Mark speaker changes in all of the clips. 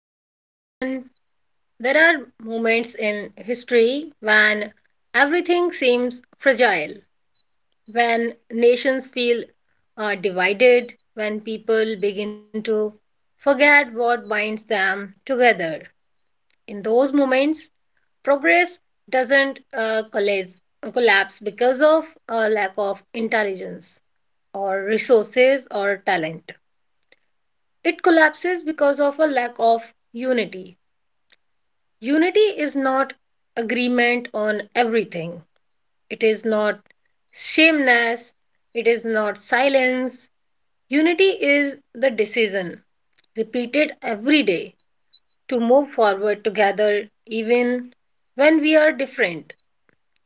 Speaker 1: Hello, everyone. There are moments in history when everything seems fragile, when nations feel divided, when people begin to forget what binds them together. In those moments, progress doesn't uh, collapse, collapse because of a lack of intelligence or resources or talent. It collapses because of a lack of unity. Unity is not agreement on everything. It is not shameness. It is not silence. Unity is the decision, repeated every day, to move forward together even when we are different.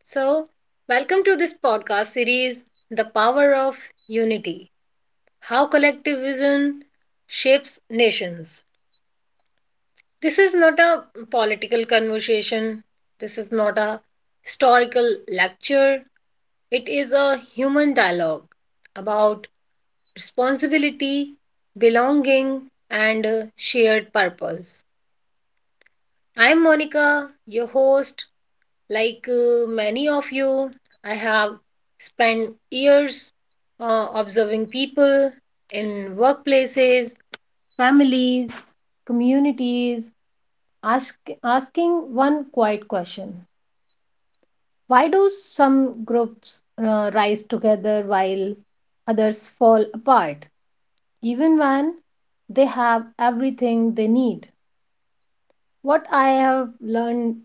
Speaker 1: So, welcome to this podcast series, The Power of Unity: How Collectivism Shapes Nations. This is not a political conversation. This is not a historical lecture. It is a human dialogue about responsibility, belonging, and shared purpose. I'm Monica, your host. Like many of you, I have spent years observing people in workplaces, families, communities, ask, asking one quiet question: why do some groups rise together while others fall apart even when they have everything they need? What I have learned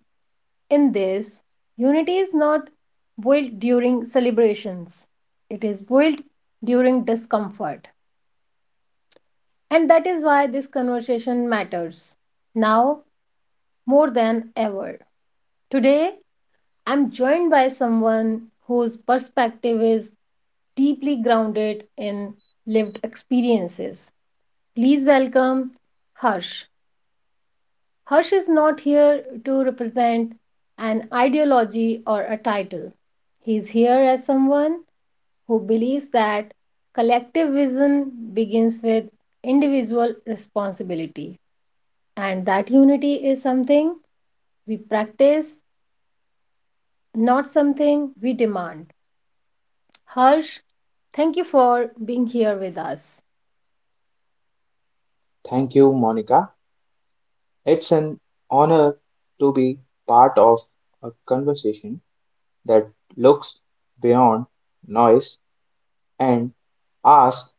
Speaker 1: in this: unity is not built during celebrations, it is built during discomfort. And that is why this conversation matters now more than ever. Today I'm joined by someone whose perspective is deeply grounded in lived experiences. Please welcome Harsh. Harsh is not here to represent an ideology or a title. He's here as someone who believes that collective vision begins with individual responsibility, and that unity is something we practice, not something we demand. Harsh, thank you for being here with us.
Speaker 2: Thank you, Monica. It's an honor to be part of a conversation that looks beyond noise and asks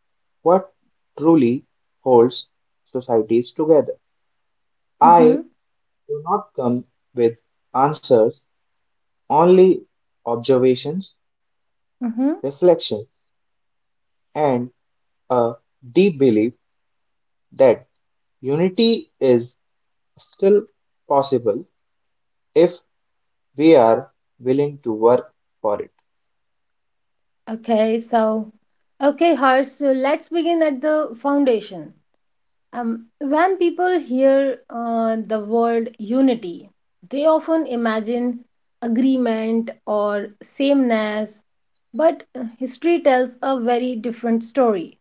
Speaker 2: what truly holds societies together. I
Speaker 1: Mm-hmm.
Speaker 2: do not come with answers, only observations,
Speaker 1: Mm-hmm.
Speaker 2: reflection, and a deep belief that unity is still possible if we are willing to work for it.
Speaker 1: Okay, so, okay, Harsh, so let's begin at the foundation. When people hear the word unity, they often imagine agreement or sameness, but history tells a very different story.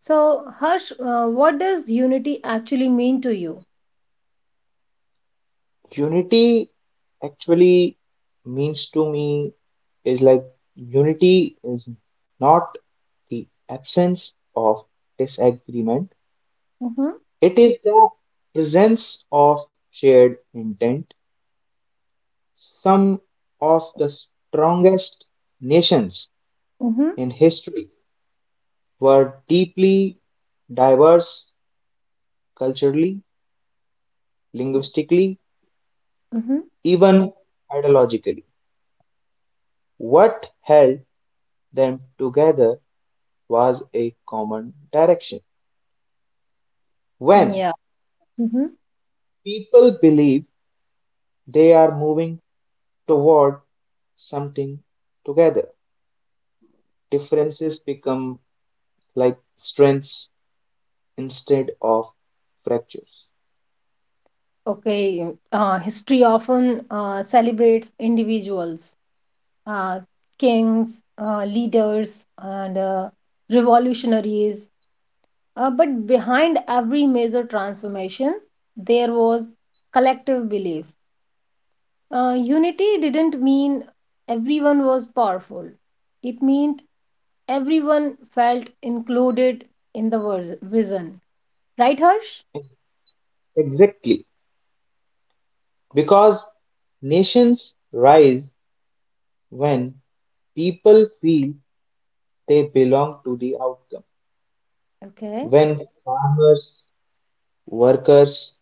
Speaker 1: So, Harsh, what does unity actually mean to you?
Speaker 2: Unity actually means to me is like unity is not the absence of disagreement,
Speaker 1: Mm-hmm.
Speaker 2: it is the presence of shared intent. Some of the strongest nations
Speaker 1: Mm-hmm.
Speaker 2: in history were deeply diverse culturally, linguistically,
Speaker 1: Mm-hmm.
Speaker 2: even ideologically. What held them together was a common direction. When
Speaker 1: Yeah.
Speaker 2: people believe they are moving toward something together, differences become like strengths instead of fractures.
Speaker 1: Okay. History often celebrates individuals, uh, kings, leaders, and revolutionaries. But behind every major transformation, there was collective belief. Unity didn't mean everyone was powerful, it meant everyone felt included in the vision. Right, Harsh?
Speaker 2: Exactly. Because nations rise when people feel they belong to the outcome.
Speaker 1: Okay.
Speaker 2: When farmers, workers,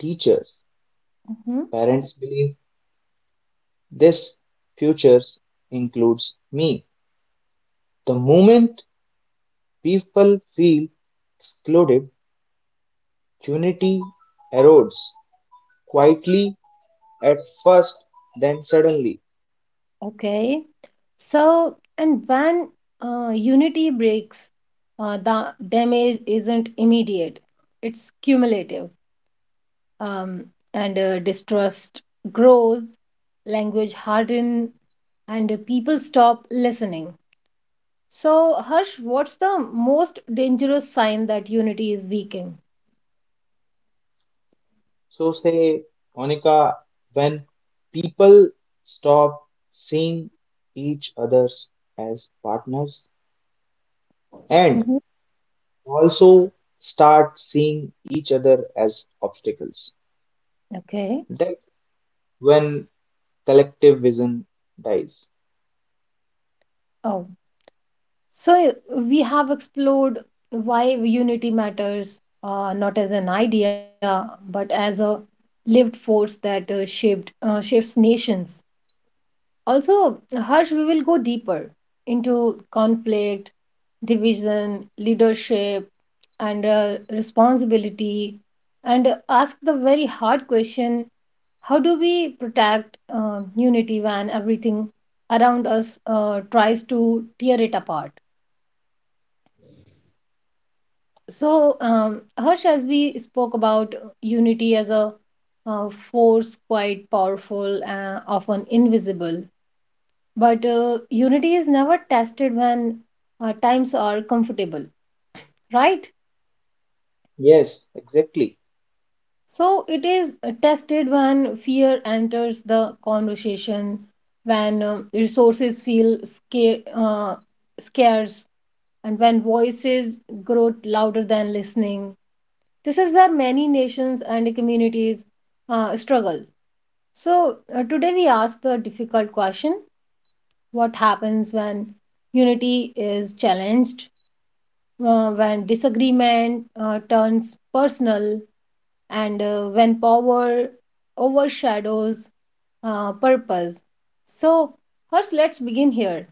Speaker 2: teachers,
Speaker 1: Mm-hmm.
Speaker 2: parents believe this future includes me. The moment people feel excluded, unity erodes quietly at first, then suddenly.
Speaker 1: Okay. So, and when unity breaks, the damage isn't immediate, it's cumulative. Um, and distrust grows, language harden, and people stop listening. So, Harsh, what's the most dangerous sign that unity is weakening?
Speaker 2: So, say, Monica, when people stop seeing each others as partners and
Speaker 1: Mhm.
Speaker 2: also start seeing each other as obstacles,
Speaker 1: Okay.
Speaker 2: that when collective vision dies.
Speaker 1: So we have explored why unity matters, not as an idea, but as a lived force that shaped shapes nations. Also, Harsh, we will go deeper into conflict, division, leadership, and responsibility, and ask the very hard question: how do we protect unity when everything around us tries to tear it apart? So, Harsh, as we spoke about unity as a force quite powerful, often invisible, but unity is never tested when times are comfortable, right?
Speaker 2: Yes, exactly.
Speaker 1: So, it is tested when fear enters the conversation, when resources feel scarce, and when voices grow louder than listening. This is where many nations and communities struggle. So, today we ask the difficult question: what happens when unity is challenged, when disagreement turns personal, and when power overshadows purpose? So, first, let's begin here.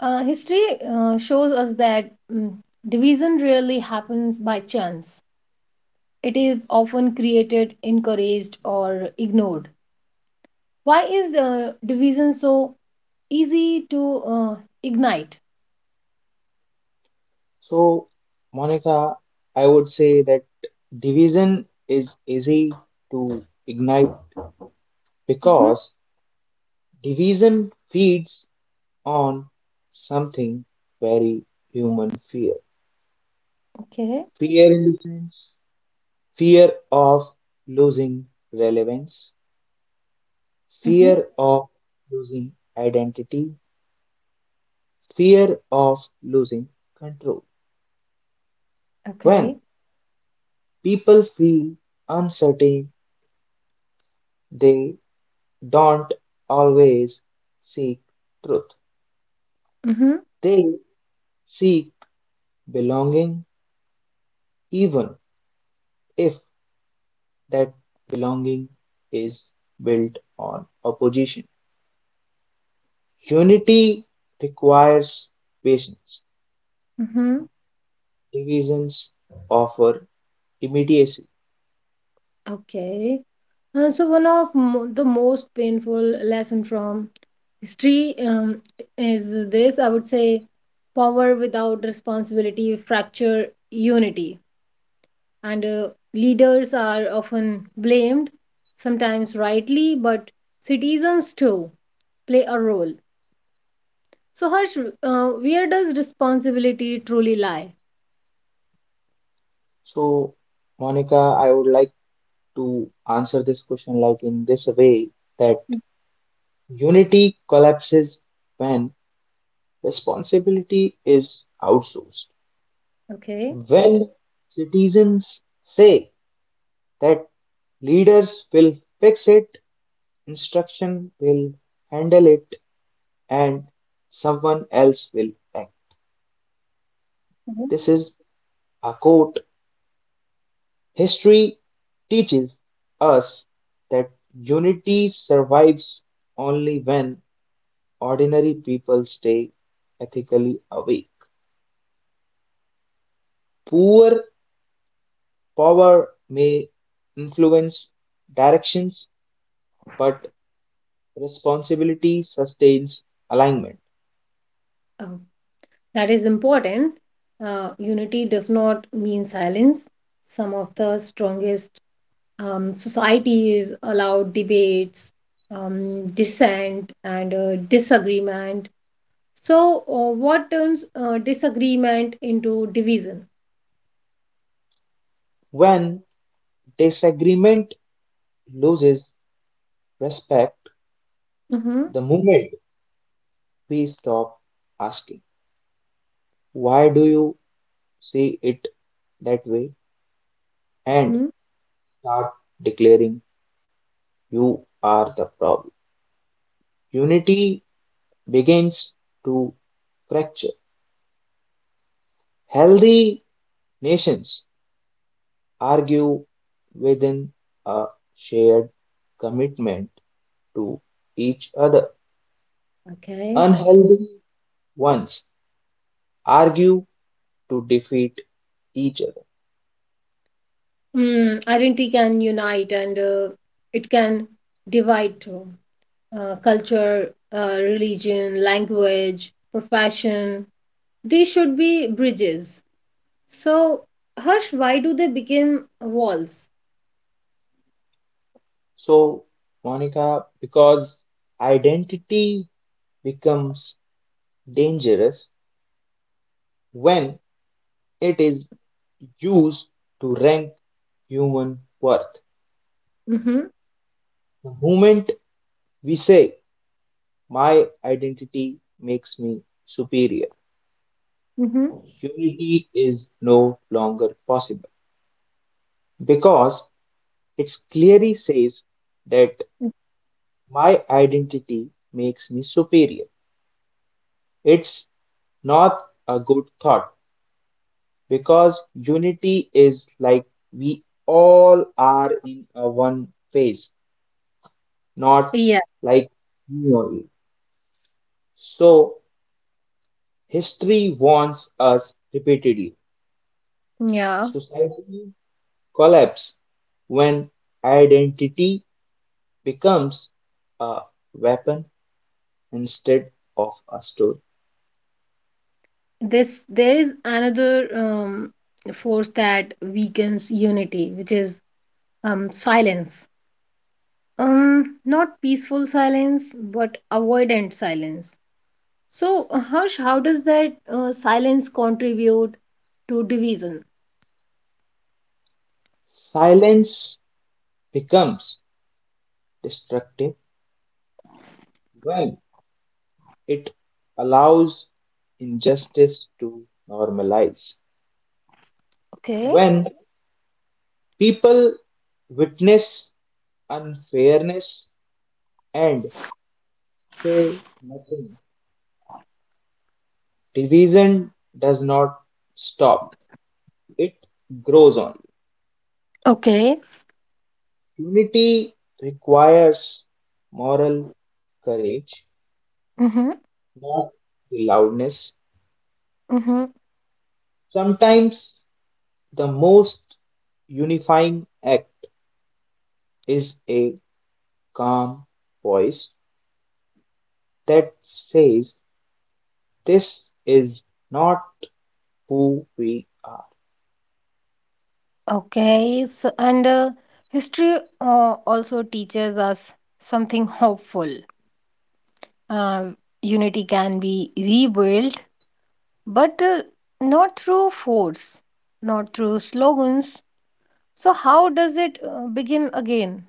Speaker 1: History shows us that division rarely happens by chance. It is often created, encouraged, or ignored. Why is division so easy to uh, ignite?
Speaker 2: So, Monica, I would say that division is easy to ignite
Speaker 1: Hmm.
Speaker 2: because division feeds on something very human fear.
Speaker 1: Okay.
Speaker 2: Fear in the sense, fear of losing relevance,
Speaker 1: Hmm.
Speaker 2: fear of losing identity, fear of losing control. When
Speaker 1: Okay.
Speaker 2: people feel uncertain, they don't always seek truth.
Speaker 1: Hmm.
Speaker 2: They seek belonging, even if that belonging is built on opposition. Unity requires patience,
Speaker 1: Hmm.
Speaker 2: divisions offer immediacy.
Speaker 1: Okay. So one of the most painful lesson from history is this. I would say, power without responsibility fracture unity. And leaders are often blamed, sometimes rightly, but citizens too play a role. So, Harsh, where does responsibility truly lie?
Speaker 2: So, Monica, I would like to answer this question like in this way that unity collapses when responsibility is outsourced.
Speaker 1: Okay.
Speaker 2: When citizens say that leaders will fix it, instruction will handle it, and someone else will act.
Speaker 1: Mhm.
Speaker 2: This is a quote. History teaches us that unity survives only when ordinary people stay ethically awake. Poor power may influence directions, but responsibility sustains alignment.
Speaker 1: Oh, that is important. Unity does not mean silence. Some of the strongest societies allow debates, dissent, and disagreement. So, what turns disagreement into division?
Speaker 2: When disagreement loses respect,
Speaker 1: Mm-hmm.
Speaker 2: the moment we stop asking, "Why do you see it that way?" and
Speaker 1: Hmm.
Speaker 2: start declaring, "You are the problem." Unity begins to fracture. Healthy nations argue within a shared commitment to each other.
Speaker 1: Okay.
Speaker 2: Unhealthy ones argue to defeat each other.
Speaker 1: Identity can unite, and it can divide too. Culture, religion, language, profession, they should be bridges. So, Harsh, why do they become walls?
Speaker 2: So, Monica, because identity becomes dangerous when it is used to rank human worth.
Speaker 1: Mm-hmm.
Speaker 2: The moment we say, "My identity makes me superior,"
Speaker 1: Mm-hmm.
Speaker 2: unity is no longer possible because it clearly says that my identity makes me superior. It's not a good thought because unity is like we all are in a one phase, not
Speaker 1: Yeah.
Speaker 2: like me only. So history warns us repeatedly.
Speaker 1: Yeah.
Speaker 2: Society collapse when identity becomes a weapon instead of a story.
Speaker 1: this There is another force that weakens unity, which is, silence. Not peaceful silence, but avoidant silence. So, Harsh, how does that silence contribute to division?
Speaker 2: Silence becomes destructive when it allows injustice to normalize.
Speaker 1: Okay.
Speaker 2: When people witness unfairness and say nothing, division does not stop, it grows on.
Speaker 1: Okay.
Speaker 2: Unity requires moral courage,
Speaker 1: Mm-hmm.
Speaker 2: not the loudness.
Speaker 1: Mm-hmm.
Speaker 2: Sometimes the most unifying act is a calm voice that says, "This is not who we are."
Speaker 1: Okay. So, and history also teaches us something hopeful. Uh, Unity can be rebuilt, but not through force, not through slogans. So, how does it begin again?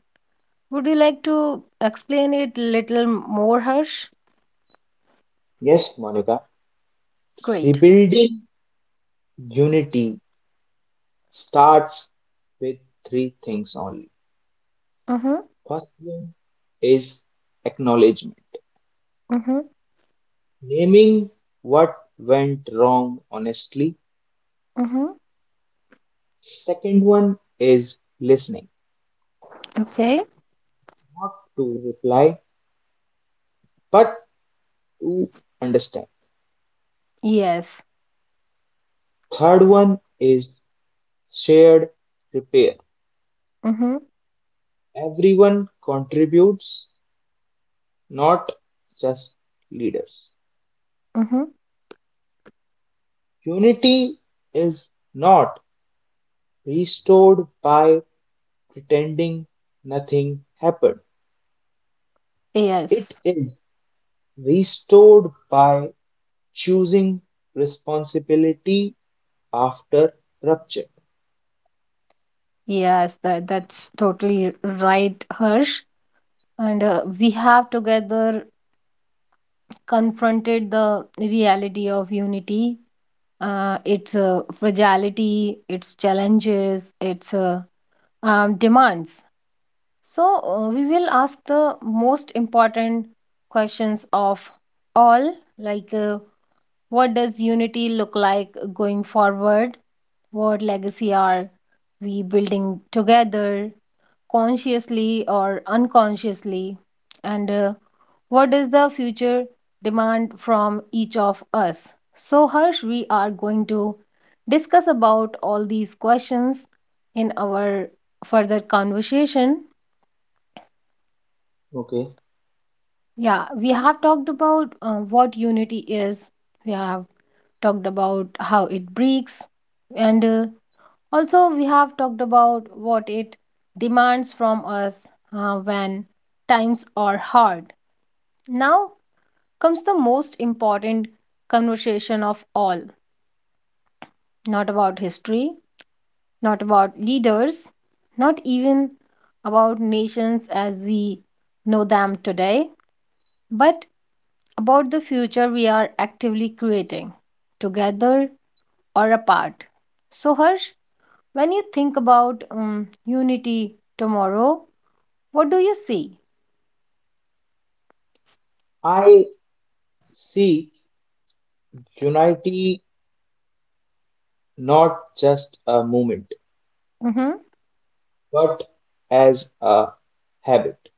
Speaker 1: Would you like to explain it little more, Harsh?
Speaker 2: Yes, Monica,
Speaker 1: Great.
Speaker 2: rebuilding unity starts with three things only.
Speaker 1: Mm-hmm.
Speaker 2: First one is acknowledgement,
Speaker 1: Mm-hmm.
Speaker 2: naming what went wrong honestly.
Speaker 1: Mm-hmm.
Speaker 2: Second one is listening,
Speaker 1: Okay.
Speaker 2: not to reply, but to understand.
Speaker 1: Yes.
Speaker 2: Third one is shared repair.
Speaker 1: Mm-hmm.
Speaker 2: Everyone contributes not just leaders.
Speaker 1: Mm-hmm.
Speaker 2: Unity is not restored by pretending nothing happened. It
Speaker 1: Yes.
Speaker 2: is restored by choosing responsibility after rupture.
Speaker 1: Yes, that's totally right, Harsh. And we have together confronted the reality of unity, its fragility, its challenges, its demands. So, we will ask the most important questions of all, like what does unity look like going forward? What legacy are we building together, consciously or unconsciously? And what does the future demand from each of us? So, Harsh, we are going to discuss about all these questions in our further conversation.
Speaker 2: Okay.
Speaker 1: Yeah, we have talked about what unity is. We have talked about how it breaks, and also we have talked about what it demands from us when times are hard. Now comes the most important conversation of all. Not about history, not about leaders, not even about nations as we know them today, but about the future we are actively creating, together or apart. So, Harsh, when you think about unity tomorrow, what do you see?
Speaker 2: I see unity not just a movement,
Speaker 1: Mm-hmm.
Speaker 2: but as a habit.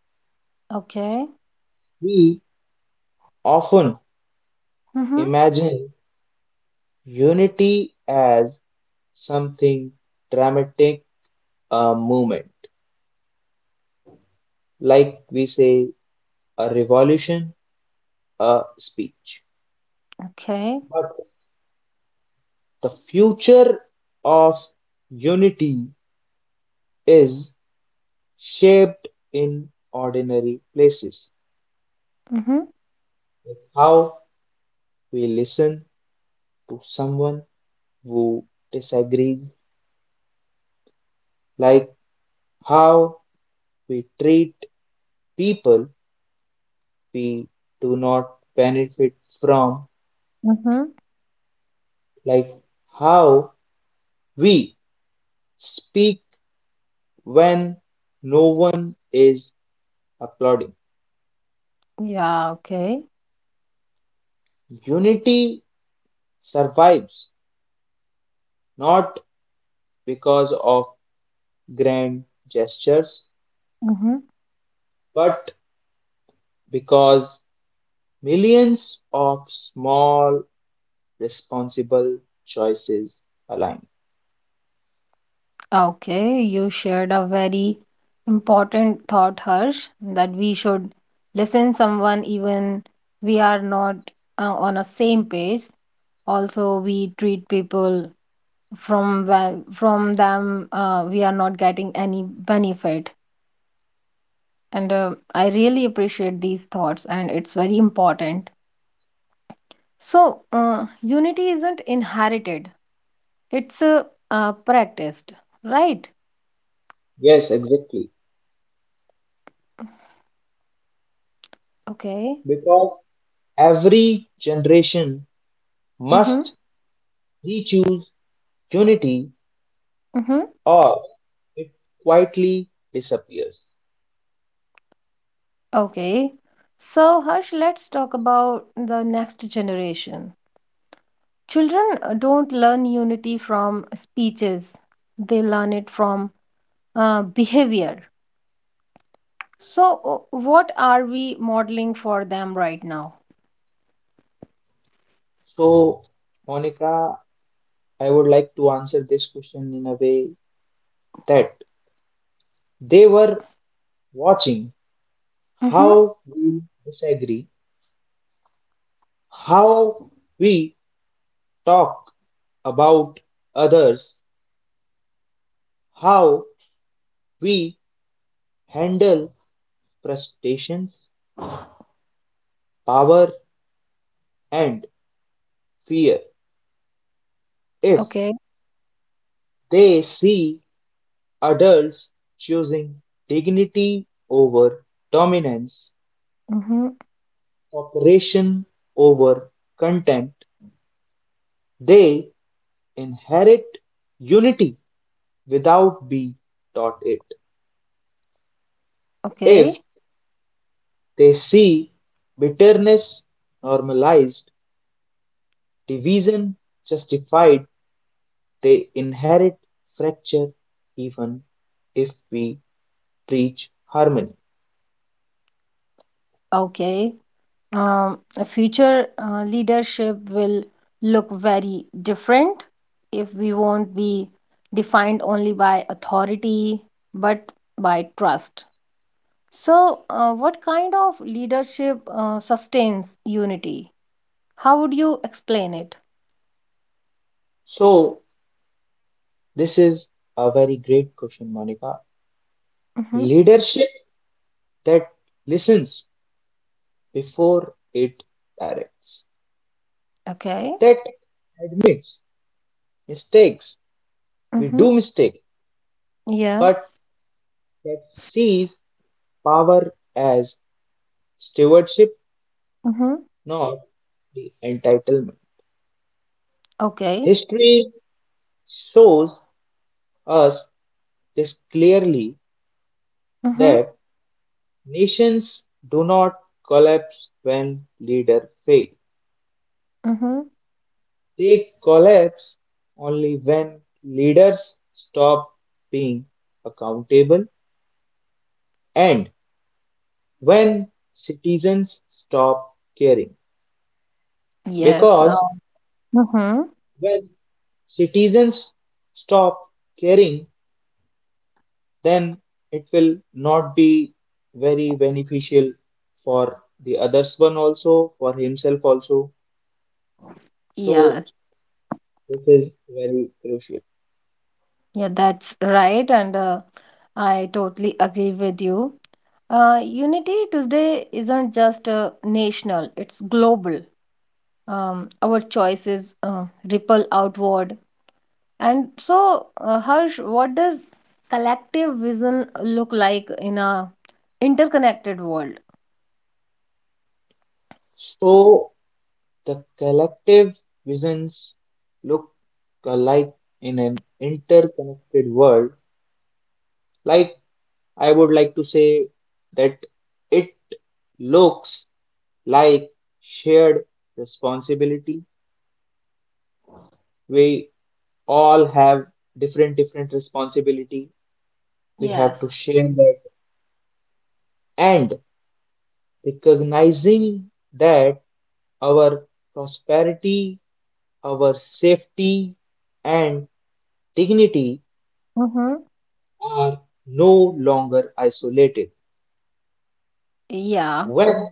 Speaker 1: Okay.
Speaker 2: We often
Speaker 1: Mm-hmm.
Speaker 2: imagine unity as something dramatic, a movement, like we say, a revolution, a speech.
Speaker 1: Okay.
Speaker 2: But the future of unity is shaped in ordinary places.
Speaker 1: Mm-hmm.
Speaker 2: How we listen to someone who disagrees, like how we treat people we do not benefit from,
Speaker 1: Mm-hmm.
Speaker 2: like how we speak when no one is applauding.
Speaker 1: Yeah, okay.
Speaker 2: Unity survives not because of grand gestures,
Speaker 1: Mm-hmm.
Speaker 2: but because millions of small, responsible choices align.
Speaker 1: Okay, you shared a very important thought, Harsh, that we should listen someone even we are not on a same page. Also, we treat people from them we are not getting any benefit, and I really appreciate these thoughts and it's very important. So unity isn't inherited, it's practiced, right?
Speaker 2: Yes, exactly.
Speaker 1: Okay.
Speaker 2: Because every generation
Speaker 1: Mm-hmm.
Speaker 2: must re-choose unity
Speaker 1: Mm-hmm.
Speaker 2: or it quietly disappears.
Speaker 1: Okay, so, Harsh, let's talk about the next generation. Children don't learn unity from speeches, they learn it from behavior. So, what are we modeling for them right now?
Speaker 2: So, Monica, I would like to answer this question in a way that they were watching
Speaker 1: Mm-hmm.
Speaker 2: how we disagree, how we talk about others, how we handle frustrations, power, and fear. If
Speaker 1: Okay.
Speaker 2: they see adults choosing dignity over dominance,
Speaker 1: Mm-hmm.
Speaker 2: cooperation over contempt, they inherit unity without be taught it.
Speaker 1: Okay.
Speaker 2: If they see bitterness normalized, division justified, they inherit fracture even if we preach harmony.
Speaker 1: Okay. A future leadership will look very different if we won't be defined only by authority, but by trust. So, what kind of leadership sustains unity? How would you explain it?
Speaker 2: So, this is a very great question, Monica.
Speaker 1: Mm-hmm.
Speaker 2: Leadership that listens before it directs,
Speaker 1: Okay.
Speaker 2: that admits mistakes, we
Speaker 1: Mm-hmm.
Speaker 2: do mistake,
Speaker 1: Yeah.
Speaker 2: but that sees power as stewardship,
Speaker 1: Mm-hmm.
Speaker 2: not the entitlement.
Speaker 1: Okay.
Speaker 2: History shows us this clearly
Speaker 1: Mm-hmm.
Speaker 2: that nations do not collapse when leaders fail.
Speaker 1: Mhm.
Speaker 2: They collapse only when leaders stop being accountable and when citizens stop caring.
Speaker 1: Yes,
Speaker 2: Because
Speaker 1: Mhm.
Speaker 2: when citizens stop caring, then it will not be very beneficial for the others one also, for himself also. So
Speaker 1: Yeah,
Speaker 2: this is very crucial.
Speaker 1: yeah, that's right, and I totally agree with you. Unity today isn't just national, it's global. Our choices ripple outward. And so, Harsh, what does collective vision look like in a interconnected world?
Speaker 2: So the collective visions look alike in an interconnected world. Like I would like to say that it looks like shared responsibility. We all have different different responsibility we have to
Speaker 1: Yes.
Speaker 2: share that and recognizing that our prosperity, our safety, and dignity
Speaker 1: Mhm.
Speaker 2: are no longer isolated.
Speaker 1: Yeah.
Speaker 2: When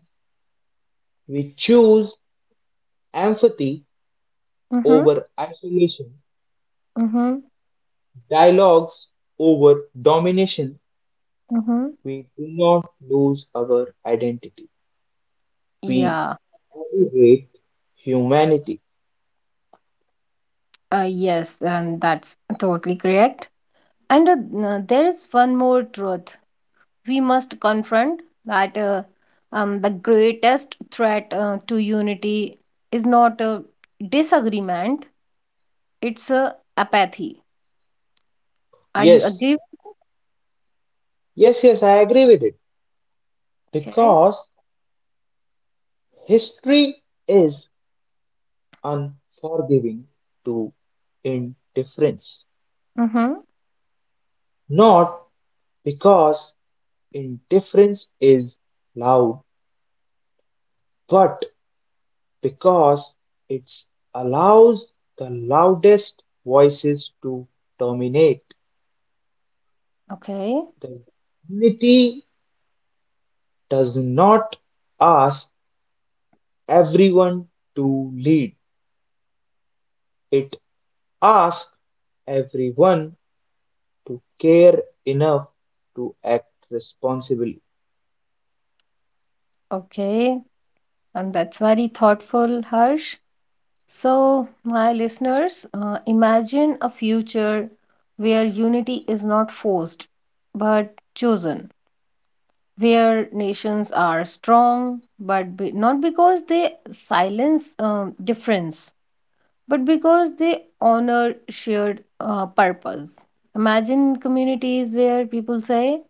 Speaker 2: we choose empathy
Speaker 1: Mhm.
Speaker 2: over isolation,
Speaker 1: Mhm.
Speaker 2: dialogues over domination,
Speaker 1: Mhm.
Speaker 2: we do not lose our identity. We
Speaker 1: Yeah.
Speaker 2: elevate humanity.
Speaker 1: Yes, and that's totally correct. And there is one more truth we must confront, that the greatest threat to unity is not a disagreement, it's a apathy. Are you
Speaker 2: Yes,
Speaker 1: agree?
Speaker 2: yes, yes, I agree with it
Speaker 1: Okay.
Speaker 2: because history is unforgiving to indifference,
Speaker 1: Mm-hmm.
Speaker 2: not because indifference is loud, but because it allows the loudest voices to dominate.
Speaker 1: Okay.
Speaker 2: The unity does not ask everyone to lead, it asks everyone to care enough to act responsibly.
Speaker 1: Okay. And that's very thoughtful, Harsh. So, my listeners, imagine a future where unity is not forced but chosen, where nations are strong, but not because they silence difference, but because they honor shared purpose. Imagine communities where people say,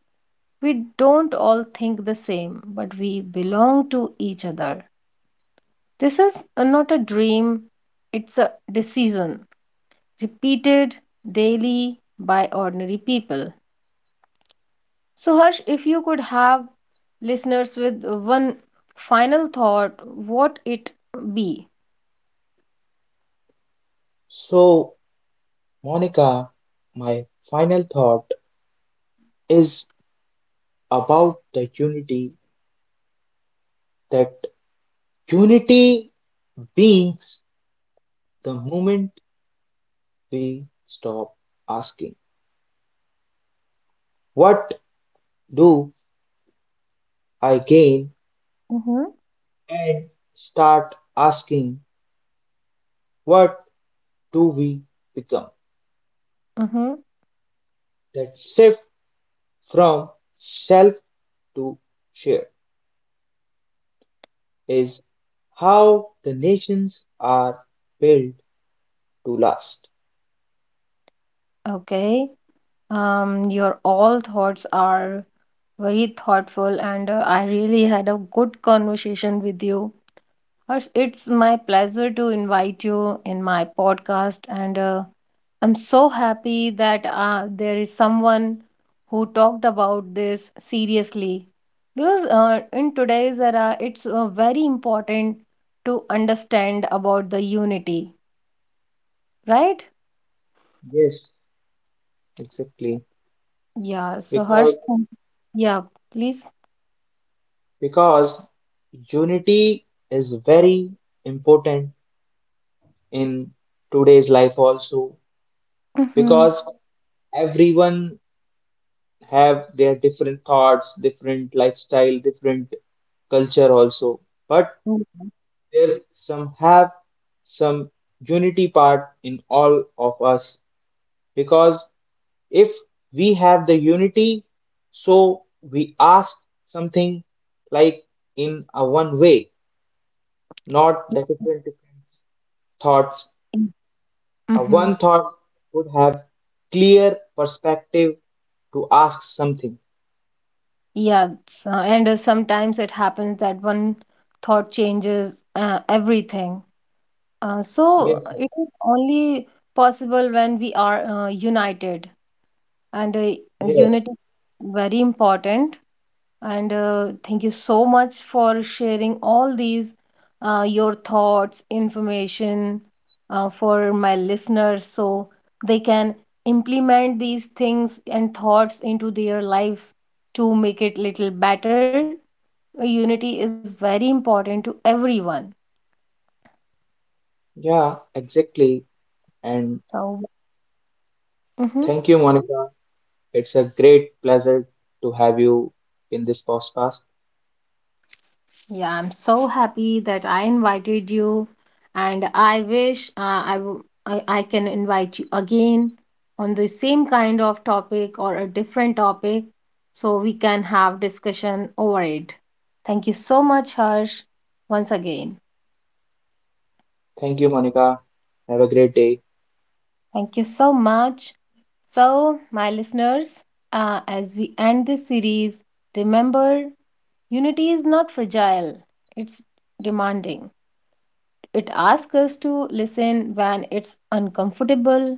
Speaker 1: "We don't all think the same, but we belong to each other." This is not a dream, it's a decision, repeated daily by ordinary people. So, Harsh, if you could have listeners with one final thought, what it be?
Speaker 2: So, Monica, my final thought is about the unity that unity beings the moment we stop asking, "What do I gain?"
Speaker 1: Mm-hmm.
Speaker 2: and start asking, "What do we become?"
Speaker 1: Mm-hmm.
Speaker 2: That shift from self to share is how the nations are built to last.
Speaker 1: Okay. Your all thoughts are very thoughtful, and I really had a good conversation with you. Harsh, it's my pleasure to invite you in my podcast, and I'm so happy that there is someone who talked about this seriously, because in today's era, it's very important to understand about the unity, right?
Speaker 2: Yes, exactly.
Speaker 1: Yeah. So, Harsh,
Speaker 2: because
Speaker 1: yeah, please.
Speaker 2: because unity is very important in today's life also
Speaker 1: Mm-hmm.
Speaker 2: because everyone have their different thoughts, different lifestyle, different culture also. But there some have some unity part in all of us because if we have the unity, so we ask something like in a one way not the different different thoughts.
Speaker 1: Mm-hmm.
Speaker 2: One thought would have clear perspective to ask something.
Speaker 1: Yeah, so, and sometimes it happens that one thought changes everything. So
Speaker 2: Yes,
Speaker 1: it is only possible when we are united, and
Speaker 2: yes,
Speaker 1: unity very important, and thank you so much for sharing all these your thoughts information for my listeners, so they can implement these things and thoughts into their lives to make it little better. Unity is very important to everyone,
Speaker 2: yeah, exactly. And
Speaker 1: so. Mhm.
Speaker 2: thank you, Monica. It's a great pleasure to have you in this podcast.
Speaker 1: Yeah, I'm so happy that I invited you, and I wish I, w- I can invite you again on the same kind of topic or a different topic so we can have discussion over it. Thank you so much, Harsh, once again.
Speaker 2: Thank you, Monica. Have a great day.
Speaker 1: Thank you so much. So, my listeners, as we end this series, remember, unity is not fragile, it's demanding. It asks us to listen when it's uncomfortable,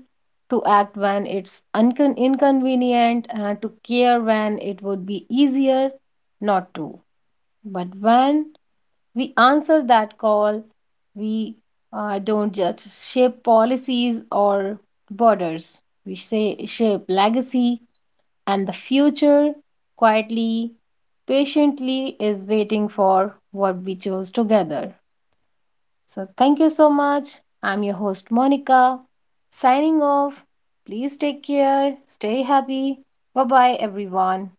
Speaker 1: to act when it's inconvenient, and to care when it would be easier not to. But when we answer that call, we don't just shape policies or borders. We say shape legacy, and the future quietly, patiently is waiting for what we chose together. So, thank you so much. I'm your host, Monica, signing off. Please take care, stay happy. Bye bye, everyone.